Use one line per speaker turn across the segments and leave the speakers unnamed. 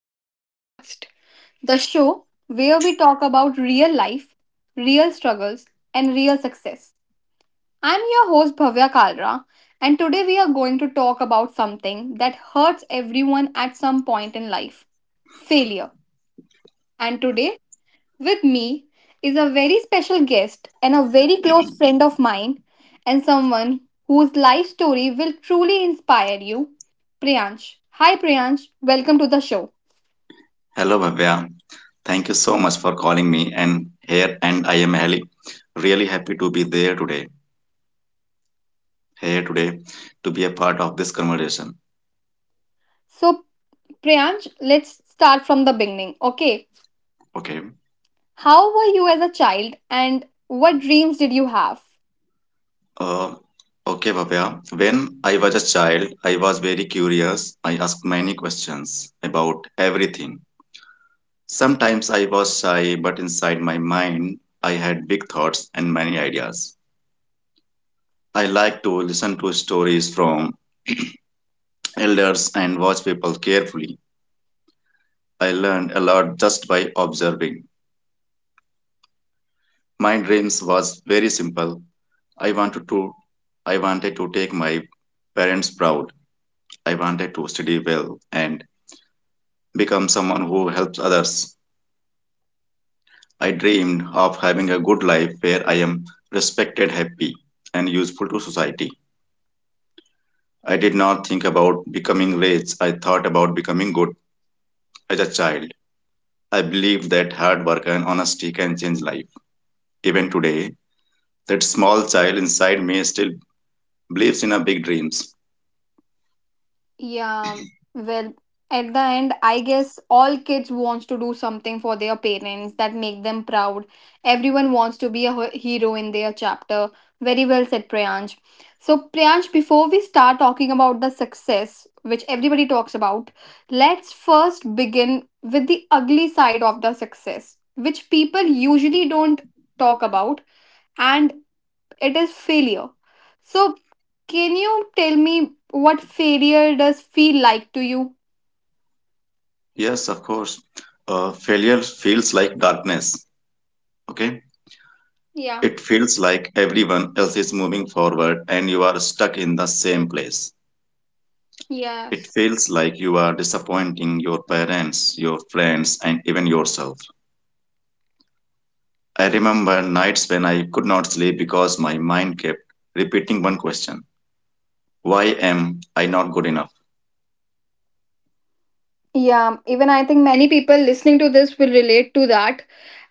Again podcast, the show where we talk about real life, real struggles, and real success. I'm your host, Bhavya Kalra, and today we are going to talk about something that hurts everyone at some point in life, failure. And today with me is a very special guest and a very close friend of mine, and someone whose life story will truly inspire you, Priyansh. Hi, Priyansh. Welcome to the show.
Hello, Bhavya. Thank you so much for calling me. And I am really happy to be there today, here today, to be a part of this conversation.
So, Priyansh, let's start from the beginning. Okay.
Okay.
How were you as a child and what dreams did you have?
Uh, okay, Bhavya. When I was a child, I was very curious. I asked many questions about everything. Sometimes I was shy, but inside my mind, I had big thoughts and many ideas. I like to listen to stories from elders and watch people carefully. I learned a lot just by observing. My dreams was very simple. I wanted to I wanted to take my parents proud. I wanted to study well and become someone who helps others. I dreamed of having a good life where I am respected, happy and useful to society. I did not think about becoming rich. I thought about becoming good as a child. I believed that hard work and honesty can change life. Even today, that small child inside me still believes in a big dreams.
Yeah, well, at the end, I guess all kids wants to do something for their parents that make them proud. Everyone wants to be a hero in their chapter. Very well said, Priyansh. So, Priyansh, before we start talking about the success, which everybody talks about, let's first begin with the ugly side of the success, which people usually don't talk about, and it is failure. So, can you tell me what failure does feel like to you?
Yes, of course. Failure feels like darkness. Okay.
Yeah.
It feels like everyone else is moving forward and you are stuck in the same place. It
Yes.
feels like you are disappointing your parents, your friends, and even yourself. I remember nights when I could not sleep because my mind kept repeating one question. Why am I not good enough?
Yeah, even I think many people listening to this will relate to that.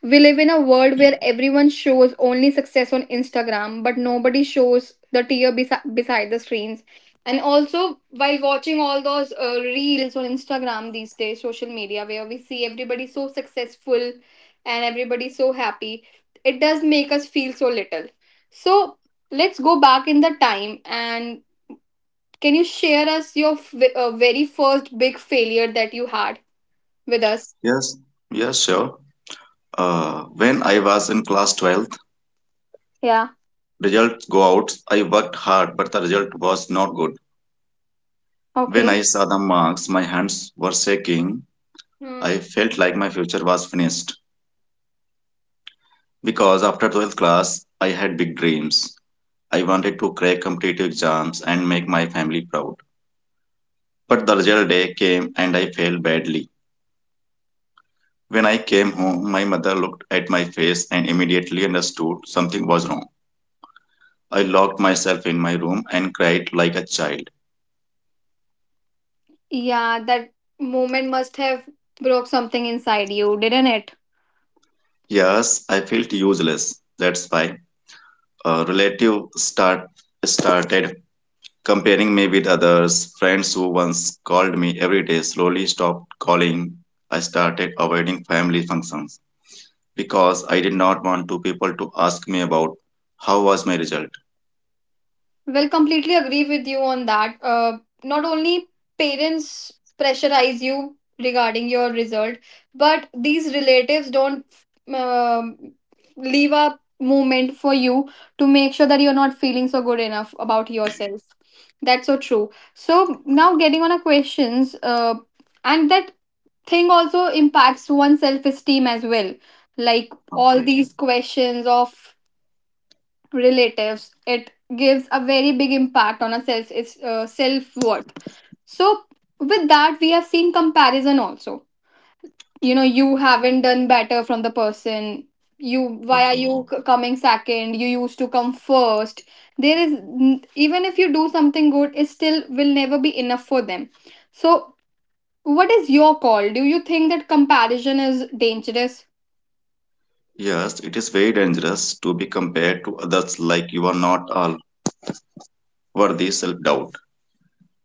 We live in a world where everyone shows only success on Instagram, but nobody shows the tear beside the screens. And also, while watching all those reels on Instagram these days, social media, where we see everybody so successful and everybody so happy, it does make us feel so little. So, let's go back in the time and can you share us your very first big failure that you had with us?
Yes, yes, sure. When I was in class twelfth.
Yeah.
Results go out. I worked hard, but the result was not good. When
Okay.
I saw the marks, my hands were shaking. I
Hmm.
felt like my future was finished. Because after 12th class, I had big dreams. I wanted to crack competitive exams and make my family proud. But the result day came and I failed badly. When I came home, my mother looked at my face and immediately understood something was wrong. I locked myself in my room and cried like a child.
Yeah, that moment must have broke something inside you, didn't it?
Yes, I felt useless. That's why a relative start started comparing me with others. Friends who once called me every day slowly stopped calling. I started avoiding family functions because I did not want two people to ask me about how was my result.
Well, completely agree with you on that. Not only parents pressurize you regarding your result, but these relatives don't um leave a moment for you to make sure that you're not feeling so good enough about yourself. That's so true. So now getting on a questions, and that thing also impacts one's self esteem as well. Like all
Okay,
these questions of relatives, it gives a very big impact on our self, it's self worth. So with that we have seen comparison also, you know, you haven't done better from the person. You, why are
okay.
you coming second? You used to come first. There is even if you do something good, it still will never be enough for them. So what is your call? Do you think that comparison is dangerous?
Yes, it is very dangerous to be compared to others like you are not all worthy self doubt.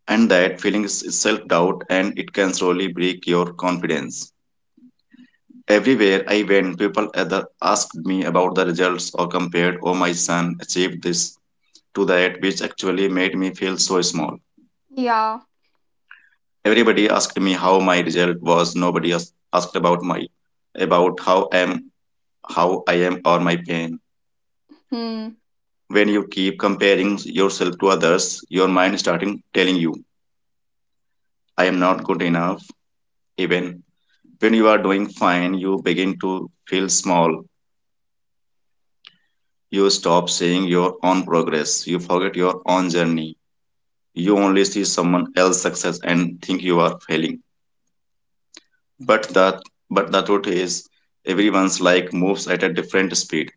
And that feeling is self doubt and it can slowly break your confidence. Everywhere I went, people either asked me about the results or compared, oh, my son achieved this to that, which actually made me feel so small.
Yeah.
Everybody asked me how my result was. Nobody asked about my about how I am, how I am or my pain.
Hmm.
When you keep comparing yourself to others, your mind starting telling you, I am not good enough. Even when you are doing fine, you begin to feel small. You stop seeing your own progress. You forget your own journey. You only see someone else's success and think you are failing, but that but the truth is, everyone's like moves at a different speed,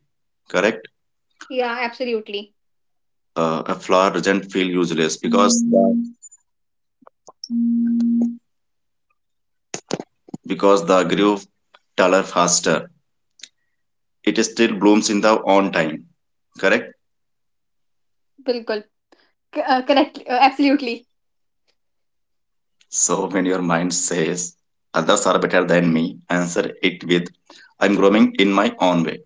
correct?
Yeah, absolutely.
A flower doesn't feel useless because the grew taller faster. It still blooms in the own time, correct?
बिल्कुल correct absolutely.
So when your mind says others are better than me, answer it with, I'm growing in my own way.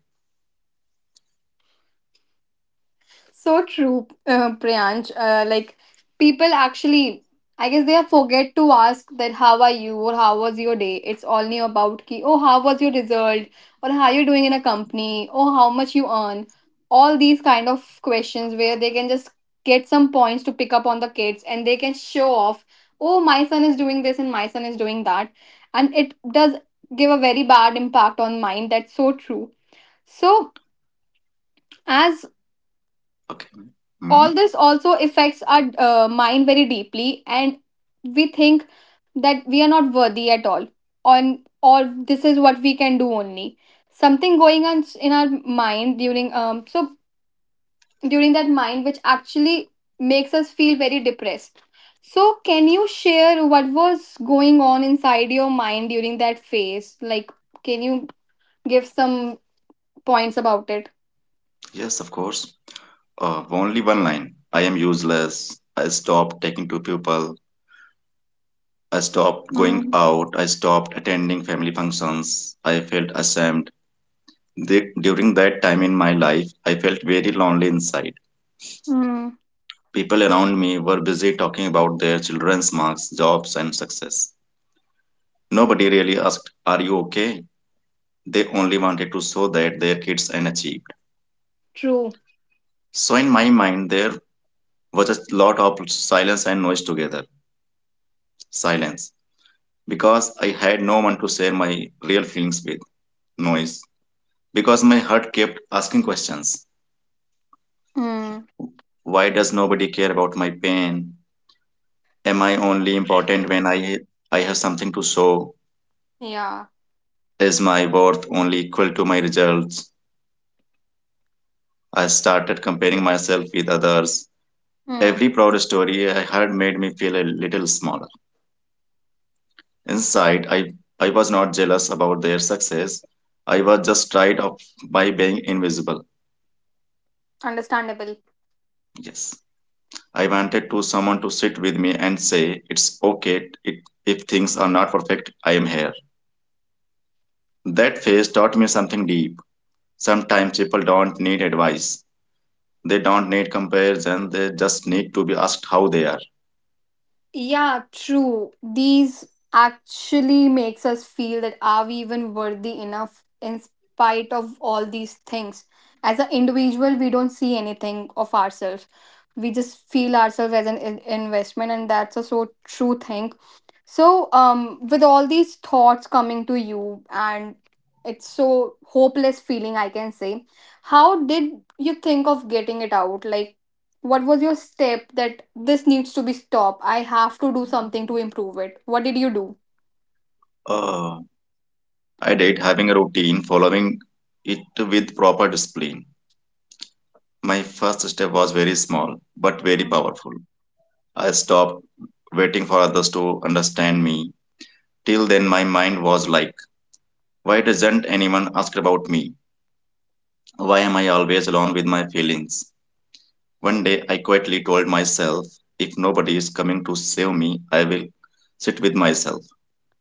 So true, Priyansh. Like people actually, I guess they forget to ask that how are you or how was your day. It's only about ki oh how was your result or how you're doing in a company or how much you earn. All these kind of questions where they can just get some points to pick up on the kids and they can show off. Oh, my son is doing this and my son is doing that, and it does give a very bad impact on mind. That's so true. So as
Okay.
all
Mhm.
this also affects our mind very deeply and we think that we are not worthy at all, on or this is what we can do only, something going on in our mind during so during that mind which actually makes us feel very depressed. So can you share what was going on inside your mind during that phase? Like, can you give some points about it?
Yes, of course. Only one line. I am useless. I stopped talking to people. I stopped going
Mm.
out. I stopped attending family functions. I felt ashamed. During that time in my life, I felt very lonely inside.
Mm.
People around me were busy talking about their children's marks, jobs, and success. Nobody really asked, are you okay? They only wanted to show that their kids and achieved.
True.
So, in my mind, there was a lot of silence and noise together. Silence, because I had no one to share my real feelings with. Noise, because my heart kept asking questions.
Mm.
Why does nobody care about my pain? Am I only important when I have something to show?
Yeah.
Is my worth only equal to my results? I started comparing myself with others.
Mm.
Every proud story I heard made me feel a little smaller. Inside, I was not jealous about their success. I was just tired of by being invisible.
Understandable.
Yes. I wanted to someone to sit with me and say, it's okay if things are not perfect, I am here. That phase taught me something deep. Sometimes people don't need advice, they don't need comparison, they just need to be asked how they are.
Yeah, true. These actually makes us feel that are we even worthy enough in spite of all these things. As an individual, we don't see anything of ourselves. We just feel ourselves as an investment, and that's a so true thing. So, with all these thoughts coming to you, and it's so hopeless feeling, I can say. How did you think of getting it out? Like, what was your step that this needs to be stopped? I have to do something to improve it. What did you do?
Uh, I did having a routine, following it with proper discipline. My first step was very small but very
Mm.
powerful. I stopped waiting for others to understand me. Till then, my mind was like, why doesn't anyone ask about me? Why am I always alone with my feelings? One day I quietly told myself, if nobody is coming to save me, I will sit with myself.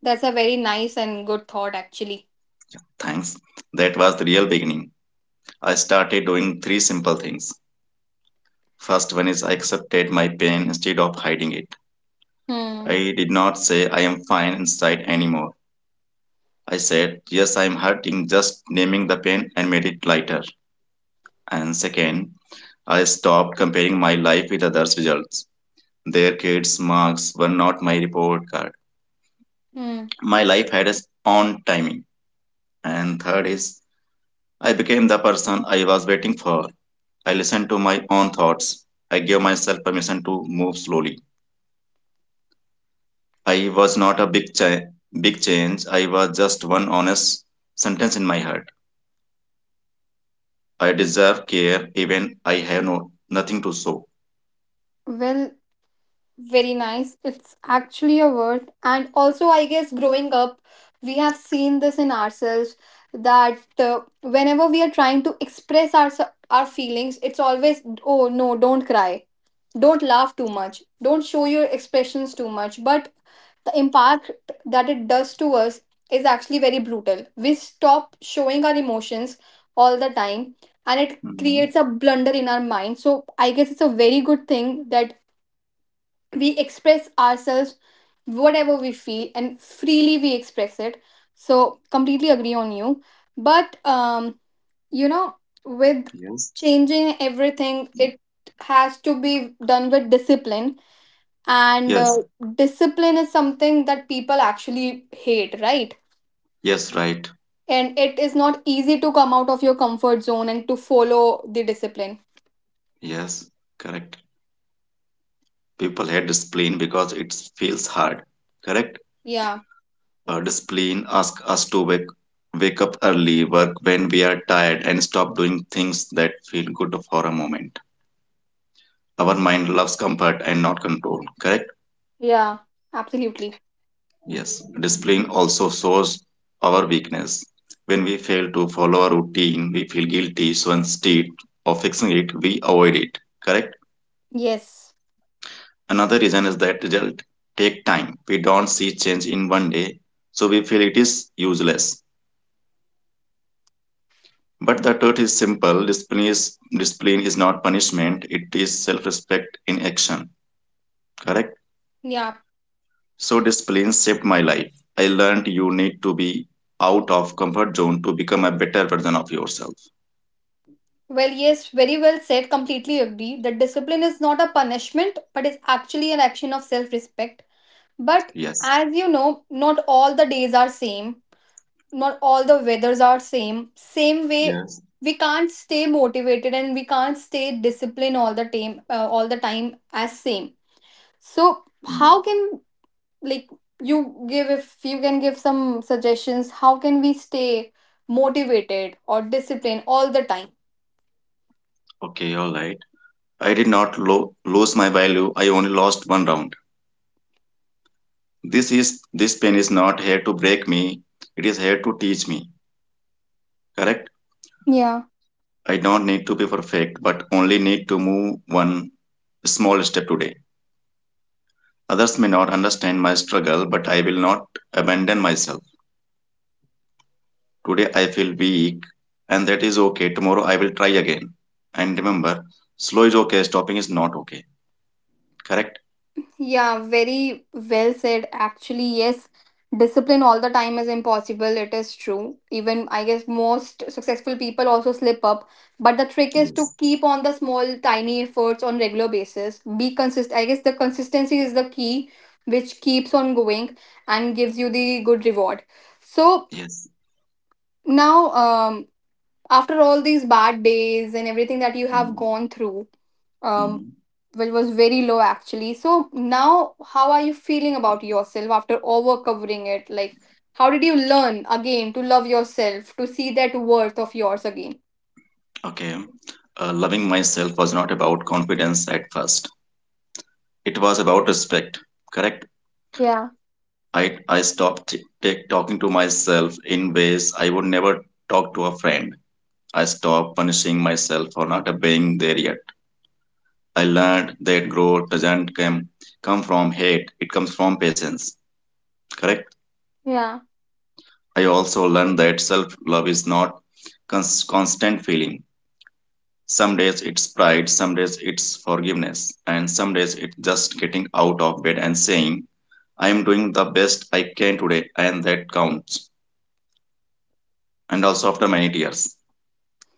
That's a very nice and good thought, actually.
Thanks. That was the real beginning. I started doing three simple things. First one is I accepted my pain instead of hiding it.
Hmm.
I did not say I am fine inside anymore. I said, yes, I am hurting, just naming the pain and made it lighter. And second, I stopped comparing my life with others' results. Their kids' marks were not my report card.
Hmm.
My life had its own timing. And third is, I became the person I was waiting for. I listened to my own thoughts. I gave myself permission to move slowly. I was not a big change. I was just one honest sentence in my heart. I deserve care even I have no nothing to show.
Well, very nice. It's actually a word. And also, I guess growing up, we have seen this in ourselves that whenever we are trying to express our feelings, it's always oh no, don't cry, don't laugh too much, don't show your expressions too much. But the impact that it does to us is actually very brutal. We stop showing our emotions all the time, and it
Hmm.
creates a blunder in our mind. So I guess it's a very good thing that we express ourselves whatever we feel and freely we express it. So completely agree on you. But you know, with
Yes.
changing everything, it has to be done with discipline, and
Yes.
discipline is something that people actually hate, right?
Yes. Right.
And it is not easy to come out of your comfort zone and to follow the discipline.
Yes. Correct. People hate discipline because it feels hard. Correct.
Yeah.
Discipline asks us to wake up early, work when we are tired, and stop doing things that feel good for a moment. Our mind loves comfort and not control, correct?
Yeah, absolutely.
Yes. Discipline also shows our weakness. When we fail to follow a routine, we feel guilty, so instead of fixing it, we avoid it, correct?
Yes.
Another reason is that result take time. We don't see change in one day, so we feel it is useless. But the truth is simple discipline is not punishment, it is self respect in action. Correct?
Yeah.
So, discipline saved my life. I learned you need to be out of comfort zone to become a better version of yourself.
Well, yes, very well said. Completely agree that discipline is not a punishment, but is actually an action of self respect. But
Yes.
as you know, not all the days are same, not all the weathers are same. Same way,
Yes.
we can't stay motivated and we can't stay disciplined all the time as same. So,
Mm.
how can, like, you give, if you can give some suggestions? How can we stay motivated or disciplined all the time?
Okay, all right. I did not lose my value. I only lost one round. This is this pain is not here to break me. It is here to teach me. Correct?
Yeah.
I don't need to be perfect, but only need to move one small step today. Others may not understand my struggle, but I will not abandon myself. Today I feel weak, and that is okay. Tomorrow I will try again. And remember, slow is okay, stopping is not okay. Correct?
Yeah, very well said. Actually, yes, discipline all the time is impossible. It is true. Even I guess most successful people also slip up. But the trick is to
Yes.
keep on the small, tiny efforts on regular basis. Be consistent. I guess the consistency is the key, which keeps on going and gives you the good reward. So
Yes.
now, after all these bad days and everything that you have
Hmm.
gone through, um,
Hmm.
which was very low actually. So now, how are you feeling about yourself after overcovering it? Like, how did you learn again to love yourself, to see that worth of yours again?
Okay. Loving myself was not about confidence at first, it was about respect. Correct?
Yeah,
I stopped talking to myself in ways I would never talk to a friend. I stopped punishing myself for not obeying their. I learned that growth doesn't come from hate, it comes from patience. Correct?
yeah.
I also learned that self love is not constant feeling. Some days it's pride, some days it's forgiveness, and some days it's just getting out of bed and saying, I am doing the best I can today, and that counts. And also after many tears.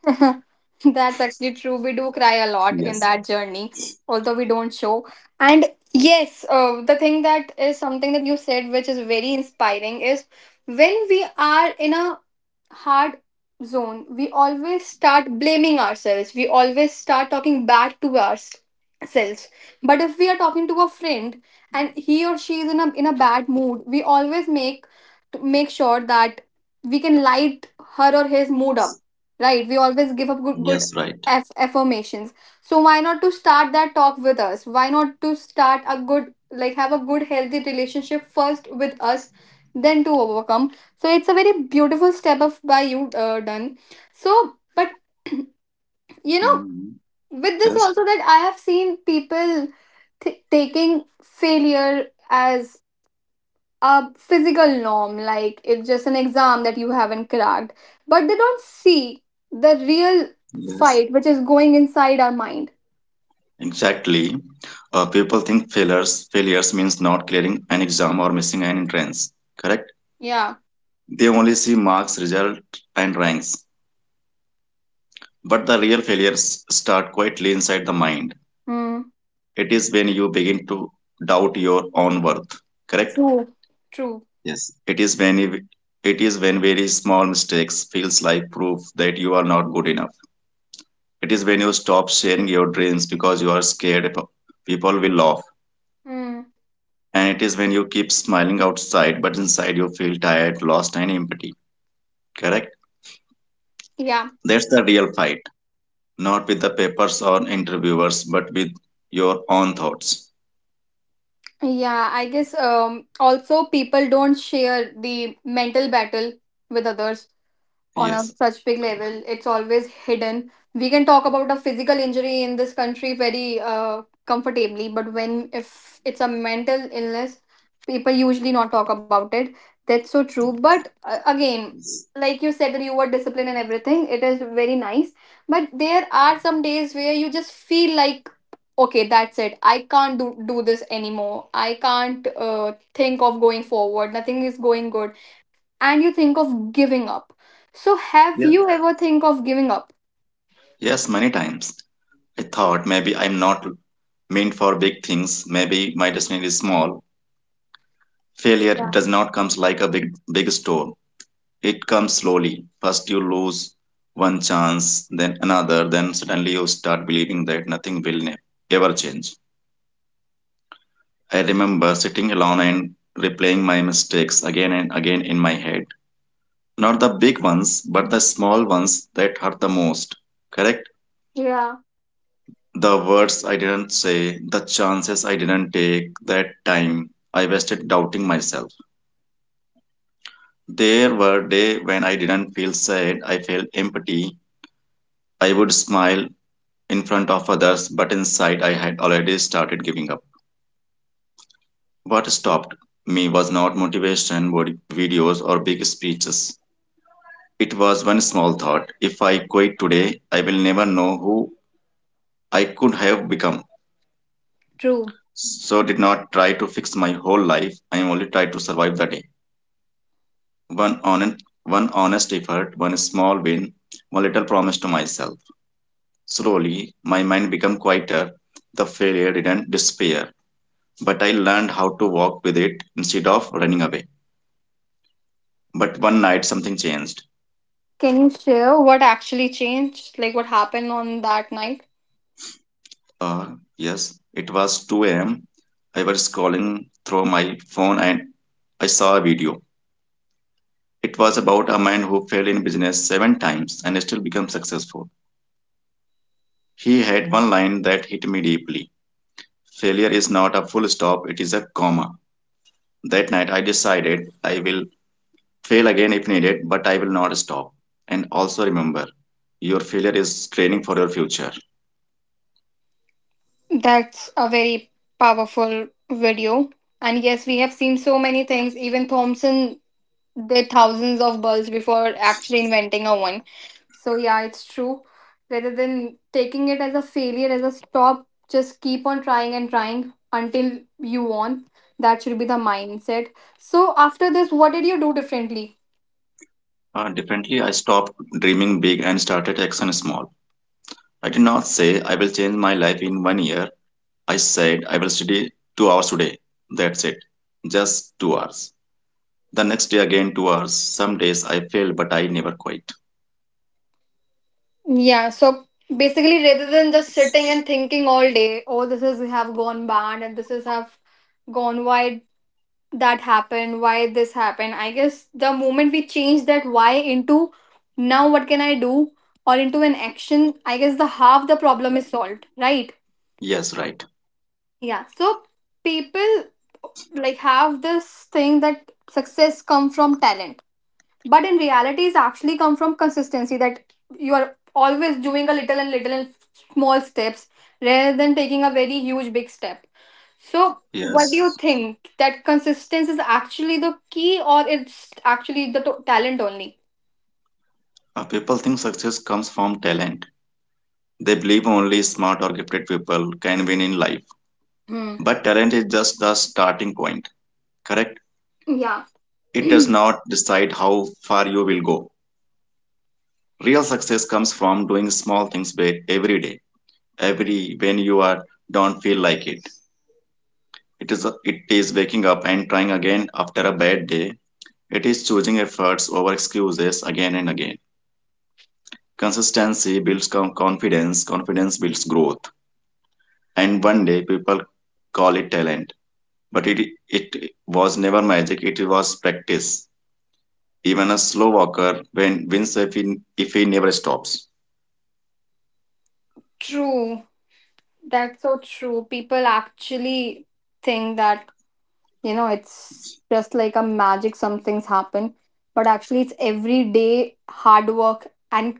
That's actually true. We do cry a lot in
Yes,
that journey, although we don't show. And yes, the thing that is something that you said, which is very inspiring, is when we are in a hard zone, we always start blaming ourselves. We always start talking back to ourselves. But if we are talking to a friend and he or she is in a bad mood, we always make to make sure that we can light her or his mood up. Right? We always give up good
yes, right.
affirmations. So why not to start that talk with us? Why not to start a good, like, have a good healthy relationship first with us, then to overcome. So it's a very beautiful step of by you done. So but you know,
Mhm.
with this
Yes,
also, that I have seen people taking failure as a physical norm, like it's just an exam that you haven't cracked, but they don't see the real
yes.
fight which is going inside our mind.
Exactly. People think failures means not clearing an exam or missing an entrance. Correct?
Yeah.
They only see marks, result, and ranks. But the real failures start quietly inside the mind.
Mm.
It is when you begin to doubt your own worth. Correct?
True. True.
Yes. It is when very small mistakes feels like proof that you are not good enough. It is when you stop sharing your dreams because you are scared people will laugh.
Mm.
And it is when you keep smiling outside, but inside you feel tired, lost, and empty. Correct?
Yeah.
That's the real fight. Not with the papers or interviewers, but with your own thoughts.
Yeah, I guess also people don't share the mental battle with others on a
Yes.
such big level. It's always hidden. We can talk about a physical injury in this country very comfortably, but when, if it's a mental illness, people usually not talk about it. That's so true. But again, like you said that you were disciplined and everything, it is very nice. But there are some days where you just feel like, okay, that's it, I can't do this anymore, I can't think of going forward, nothing is going good, and you think of giving up. So have
Yeah.
you ever think of giving up?
Yes, many times. I thought maybe I'm not meant for big things. Maybe my destiny is small. Failure
Yeah.
does not come like a big storm. It comes slowly. First, you lose one chance, then another, then suddenly you start believing that nothing will ever change. I remember sitting alone and replaying my mistakes again and again in my head. Not the big ones, but the small ones that hurt the most. Correct?
Yeah.
The words I didn't say, the chances I didn't take, that time I wasted doubting myself. There were days when I didn't feel sad, I felt empty. I would smile in front of others, but inside I had already started giving up. What stopped me was not motivation, videos, or big speeches. It was one small thought. If I quit today, I will never know who I could have become.
True.
So did not try to fix my whole life. I only tried to survive the day. One honest, one honest effort, one small win, one little promise to myself. Slowly, my mind became quieter. The failure didn't disappear, but I learned how to walk with it instead of running away. But one night, something changed.
Can you share what actually changed? Like, what happened on that night?
Yes, it was 2 a.m. I was scrolling through my phone and I saw a video. It was about a man who failed in business seven times and still became successful. He had one line that hit me deeply. Failure is not a full stop, it is a comma. That night I decided I will fail again if needed, but I will not stop. And also remember, your failure is training for your future.
That's a very powerful video. And yes, we have seen so many things. Even Thompson there thousands of bulbs before actually inventing a one. So yeah, it's true. Rather than taking it as a failure, as a stop, just keep on trying and trying until you won. That should be the mindset. So after this, what did you do differently?
Differently, I stopped dreaming big and started action small. I did not say, I will change my life in one year. I said, I will study 2 hours today. That's it. Just 2 hours. The next day, again, 2 hours. Some days I fail, but I never quit.
Yeah, so basically rather than just sitting and thinking all day, oh this is have gone bad and this is have gone wide, that happened, why this happened, I guess the moment we change that why into now what can I do, or into an action, I guess the half the problem is solved, right?
Yes, right.
Yeah. So people, like, have this thing that success come from talent, but in reality it's actually come from consistency, that you are always doing a little and little and small steps rather than taking a very huge big step. So, what do you
Yes.
think that consistency is actually the key, or it's actually the talent only?
People think success comes from talent. They believe only smart or gifted people can win in life.
Hmm.
But talent is just the starting point, correct?
Yeah,
It does not decide how far you will go. Real success comes from doing small things every day, every when you are don't feel like it. It is waking up and trying again after a bad day. It is choosing efforts over excuses again and again. Consistency builds confidence. Confidence builds growth. And one day people call it talent, but it was never magic, it was practice. Even a slow walker when wins if he never stops.
true. That's so true. People actually think that you know it's just like a magic. Some things happen, but actually, it's everyday hard work and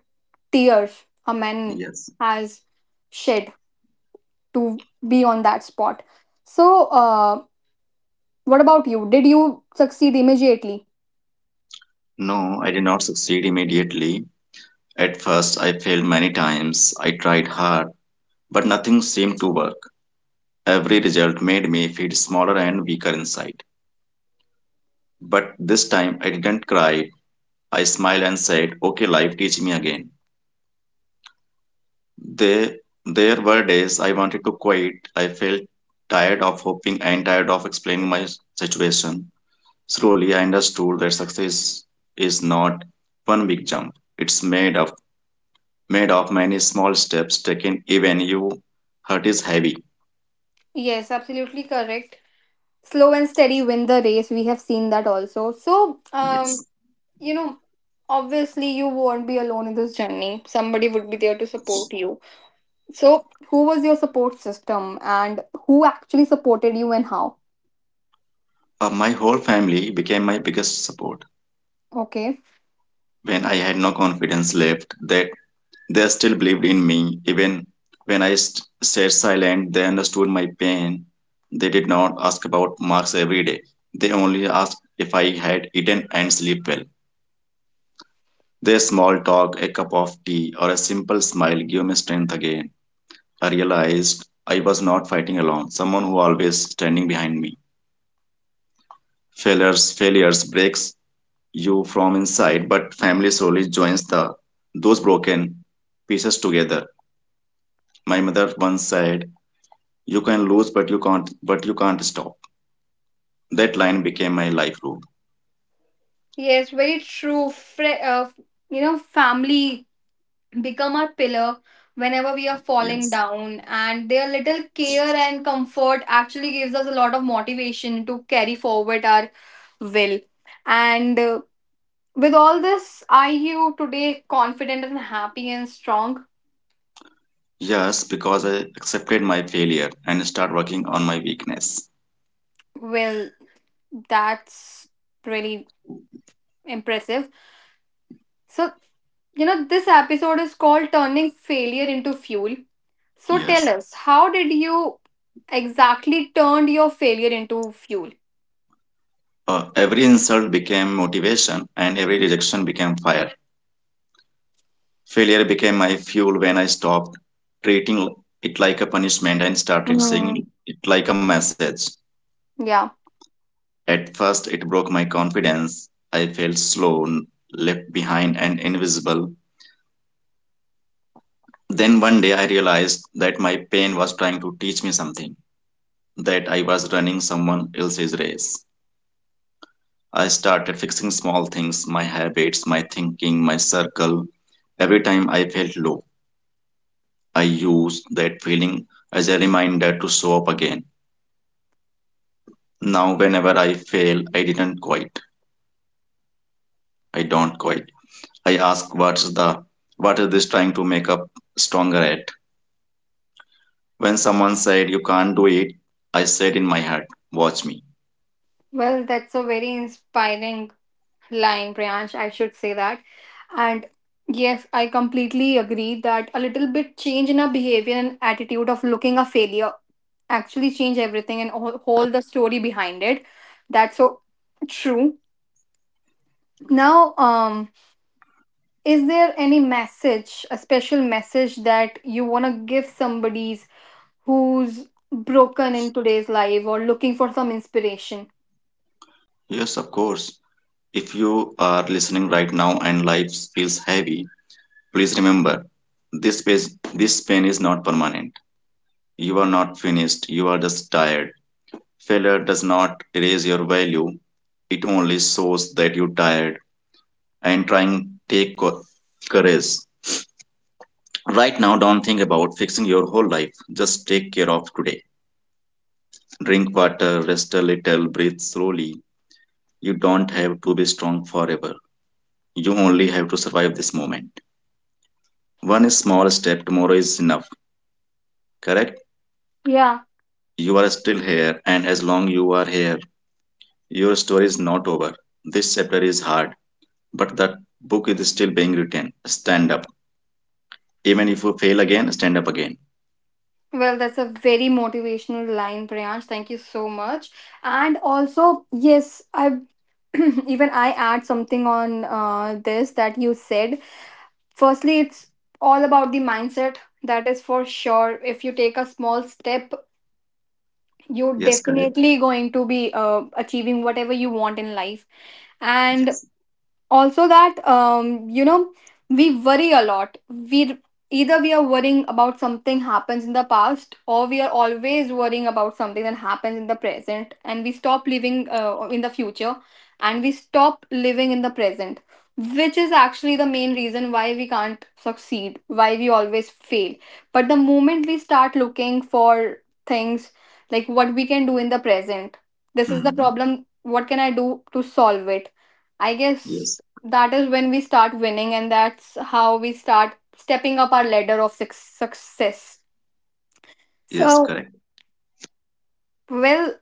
tears a man
Yes.
has shed to be on that spot. So, what about you? Did you succeed immediately?
No, I did not succeed immediately. At first, I failed many times. I tried hard, but nothing seemed to work. Every result made me feel smaller and weaker inside. But this time I didn't cry. I smiled and said, "Okay, life, teach me again." There, there were days I wanted to quit. I felt tired of hoping and tired of explaining my situation. Slowly, I understood that success is not one big jump. It's made of many small steps taken even you hurt is heavy.
Yes, absolutely correct. Slow and steady win the race. We have seen that also. So,
Yes.
you know, obviously you won't be alone in this journey. Somebody would be there to support you. So, who was your support system and who actually supported you and how?
My whole family became my biggest support.
Okay.
When I had no confidence left, that they still believed in me. Even when I stayed silent, they understood my pain. They did not ask about marks every day. They only asked if I had eaten and slept well. Their small talk, a cup of tea, or a simple smile gave me strength again. I realized I was not fighting alone, someone who always standing behind me. Failures breaks you from inside, but family slowly joins the those broken pieces together. My mother once said, "You can lose, but you can't stop." That line became my life rule.
Yes, very true. You know, family become our pillar whenever we are falling
Yes.
down and their little care and comfort actually gives us a lot of motivation to carry forward our will. And with all this, are you today confident and happy and strong?
Yes, because I accepted my failure and start working on my weakness.
Well, that's really impressive. So, you know, this episode is called Turning Failure into Fuel. So, tell
Yes.
us, how did you exactly turned your failure into fuel?
Every insult became motivation and every rejection became fire. Failure became my fuel when I stopped treating it like a punishment and started seeing
Mm,
it like a message.
yeah.
At first, it broke my confidence. I felt slow, left behind, and invisible. Then one day I realized that my pain was trying to teach me something, that I was running someone else's race. I started fixing small things, my habits, my thinking, my circle. Every time I felt low, I used that feeling as a reminder to show up again. Now, whenever I fail, I didn't quit. I don't quit. I ask what is this trying to make up stronger at? When someone said you can't do it, I said in my heart, watch me.
Well, that's a very inspiring line, Priyansh, I should say that. And yes, I completely agree that a little bit change in our behavior and attitude of looking a failure actually change everything and whole the story behind it. That's so true. Now, is there any message, a special message, that you want to give somebody's who's broken in today's life or looking for some inspiration?
Yes, of course. If you are listening right now and life feels heavy, please remember this pain, this pain is not permanent. You are not finished, you are just tired. Failure does not erase your value, it only shows that you're tired and trying take courage. Right now, don't think about fixing your whole life. Just take care of today. Drink water, rest a little, breathe slowly. You don't have to be strong forever. You only have to survive this moment. One small step tomorrow is enough, correct?
Yeah.
You are still here, and as long you are here, your story is not over. This chapter is hard, but that book is still being written. Stand up. Even if you fail again, stand up again.
Well, that's a very motivational line, Priyansh. Thank you so much. And also, yes, I even I add something on this that you said. Firstly, it's all about the mindset. That is for sure. If you take a small step, you're
Yes, correct.
definitely going to be achieving whatever you want in life. And
Yes.
also that you know, we worry a lot. We either we are worrying about something happens in the past, or we are always worrying about something that happens in the present, and we stop living in the future, and we stop living in the present, which is actually the main reason why we can't succeed, why we always fail. But the moment we start looking for things, like what we can do in the present, this is the
Hmm.
problem, what can I do to solve it, I
Yes.
guess that is when we start winning and that's how we start stepping up our ladder of success.
Yes,
So
correct.
well,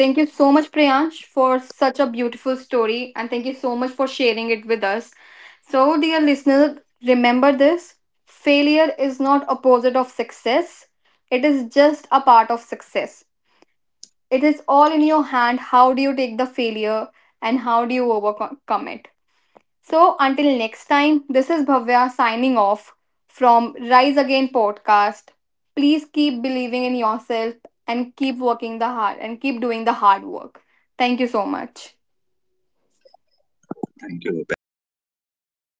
thank you so much, Priyansh, for such a beautiful story, and thank you so much for sharing it with us. So dear listener, remember this: failure is not opposite of success, it is just a part of success. It is all in your hand, how do you take the failure and how do you overcome it. So until next time, this is Bhavya signing off from Rise Again podcast. Please keep believing in yourself and keep working the hard and keep doing the hard work. Thank you so much.
Thank you, Rupa.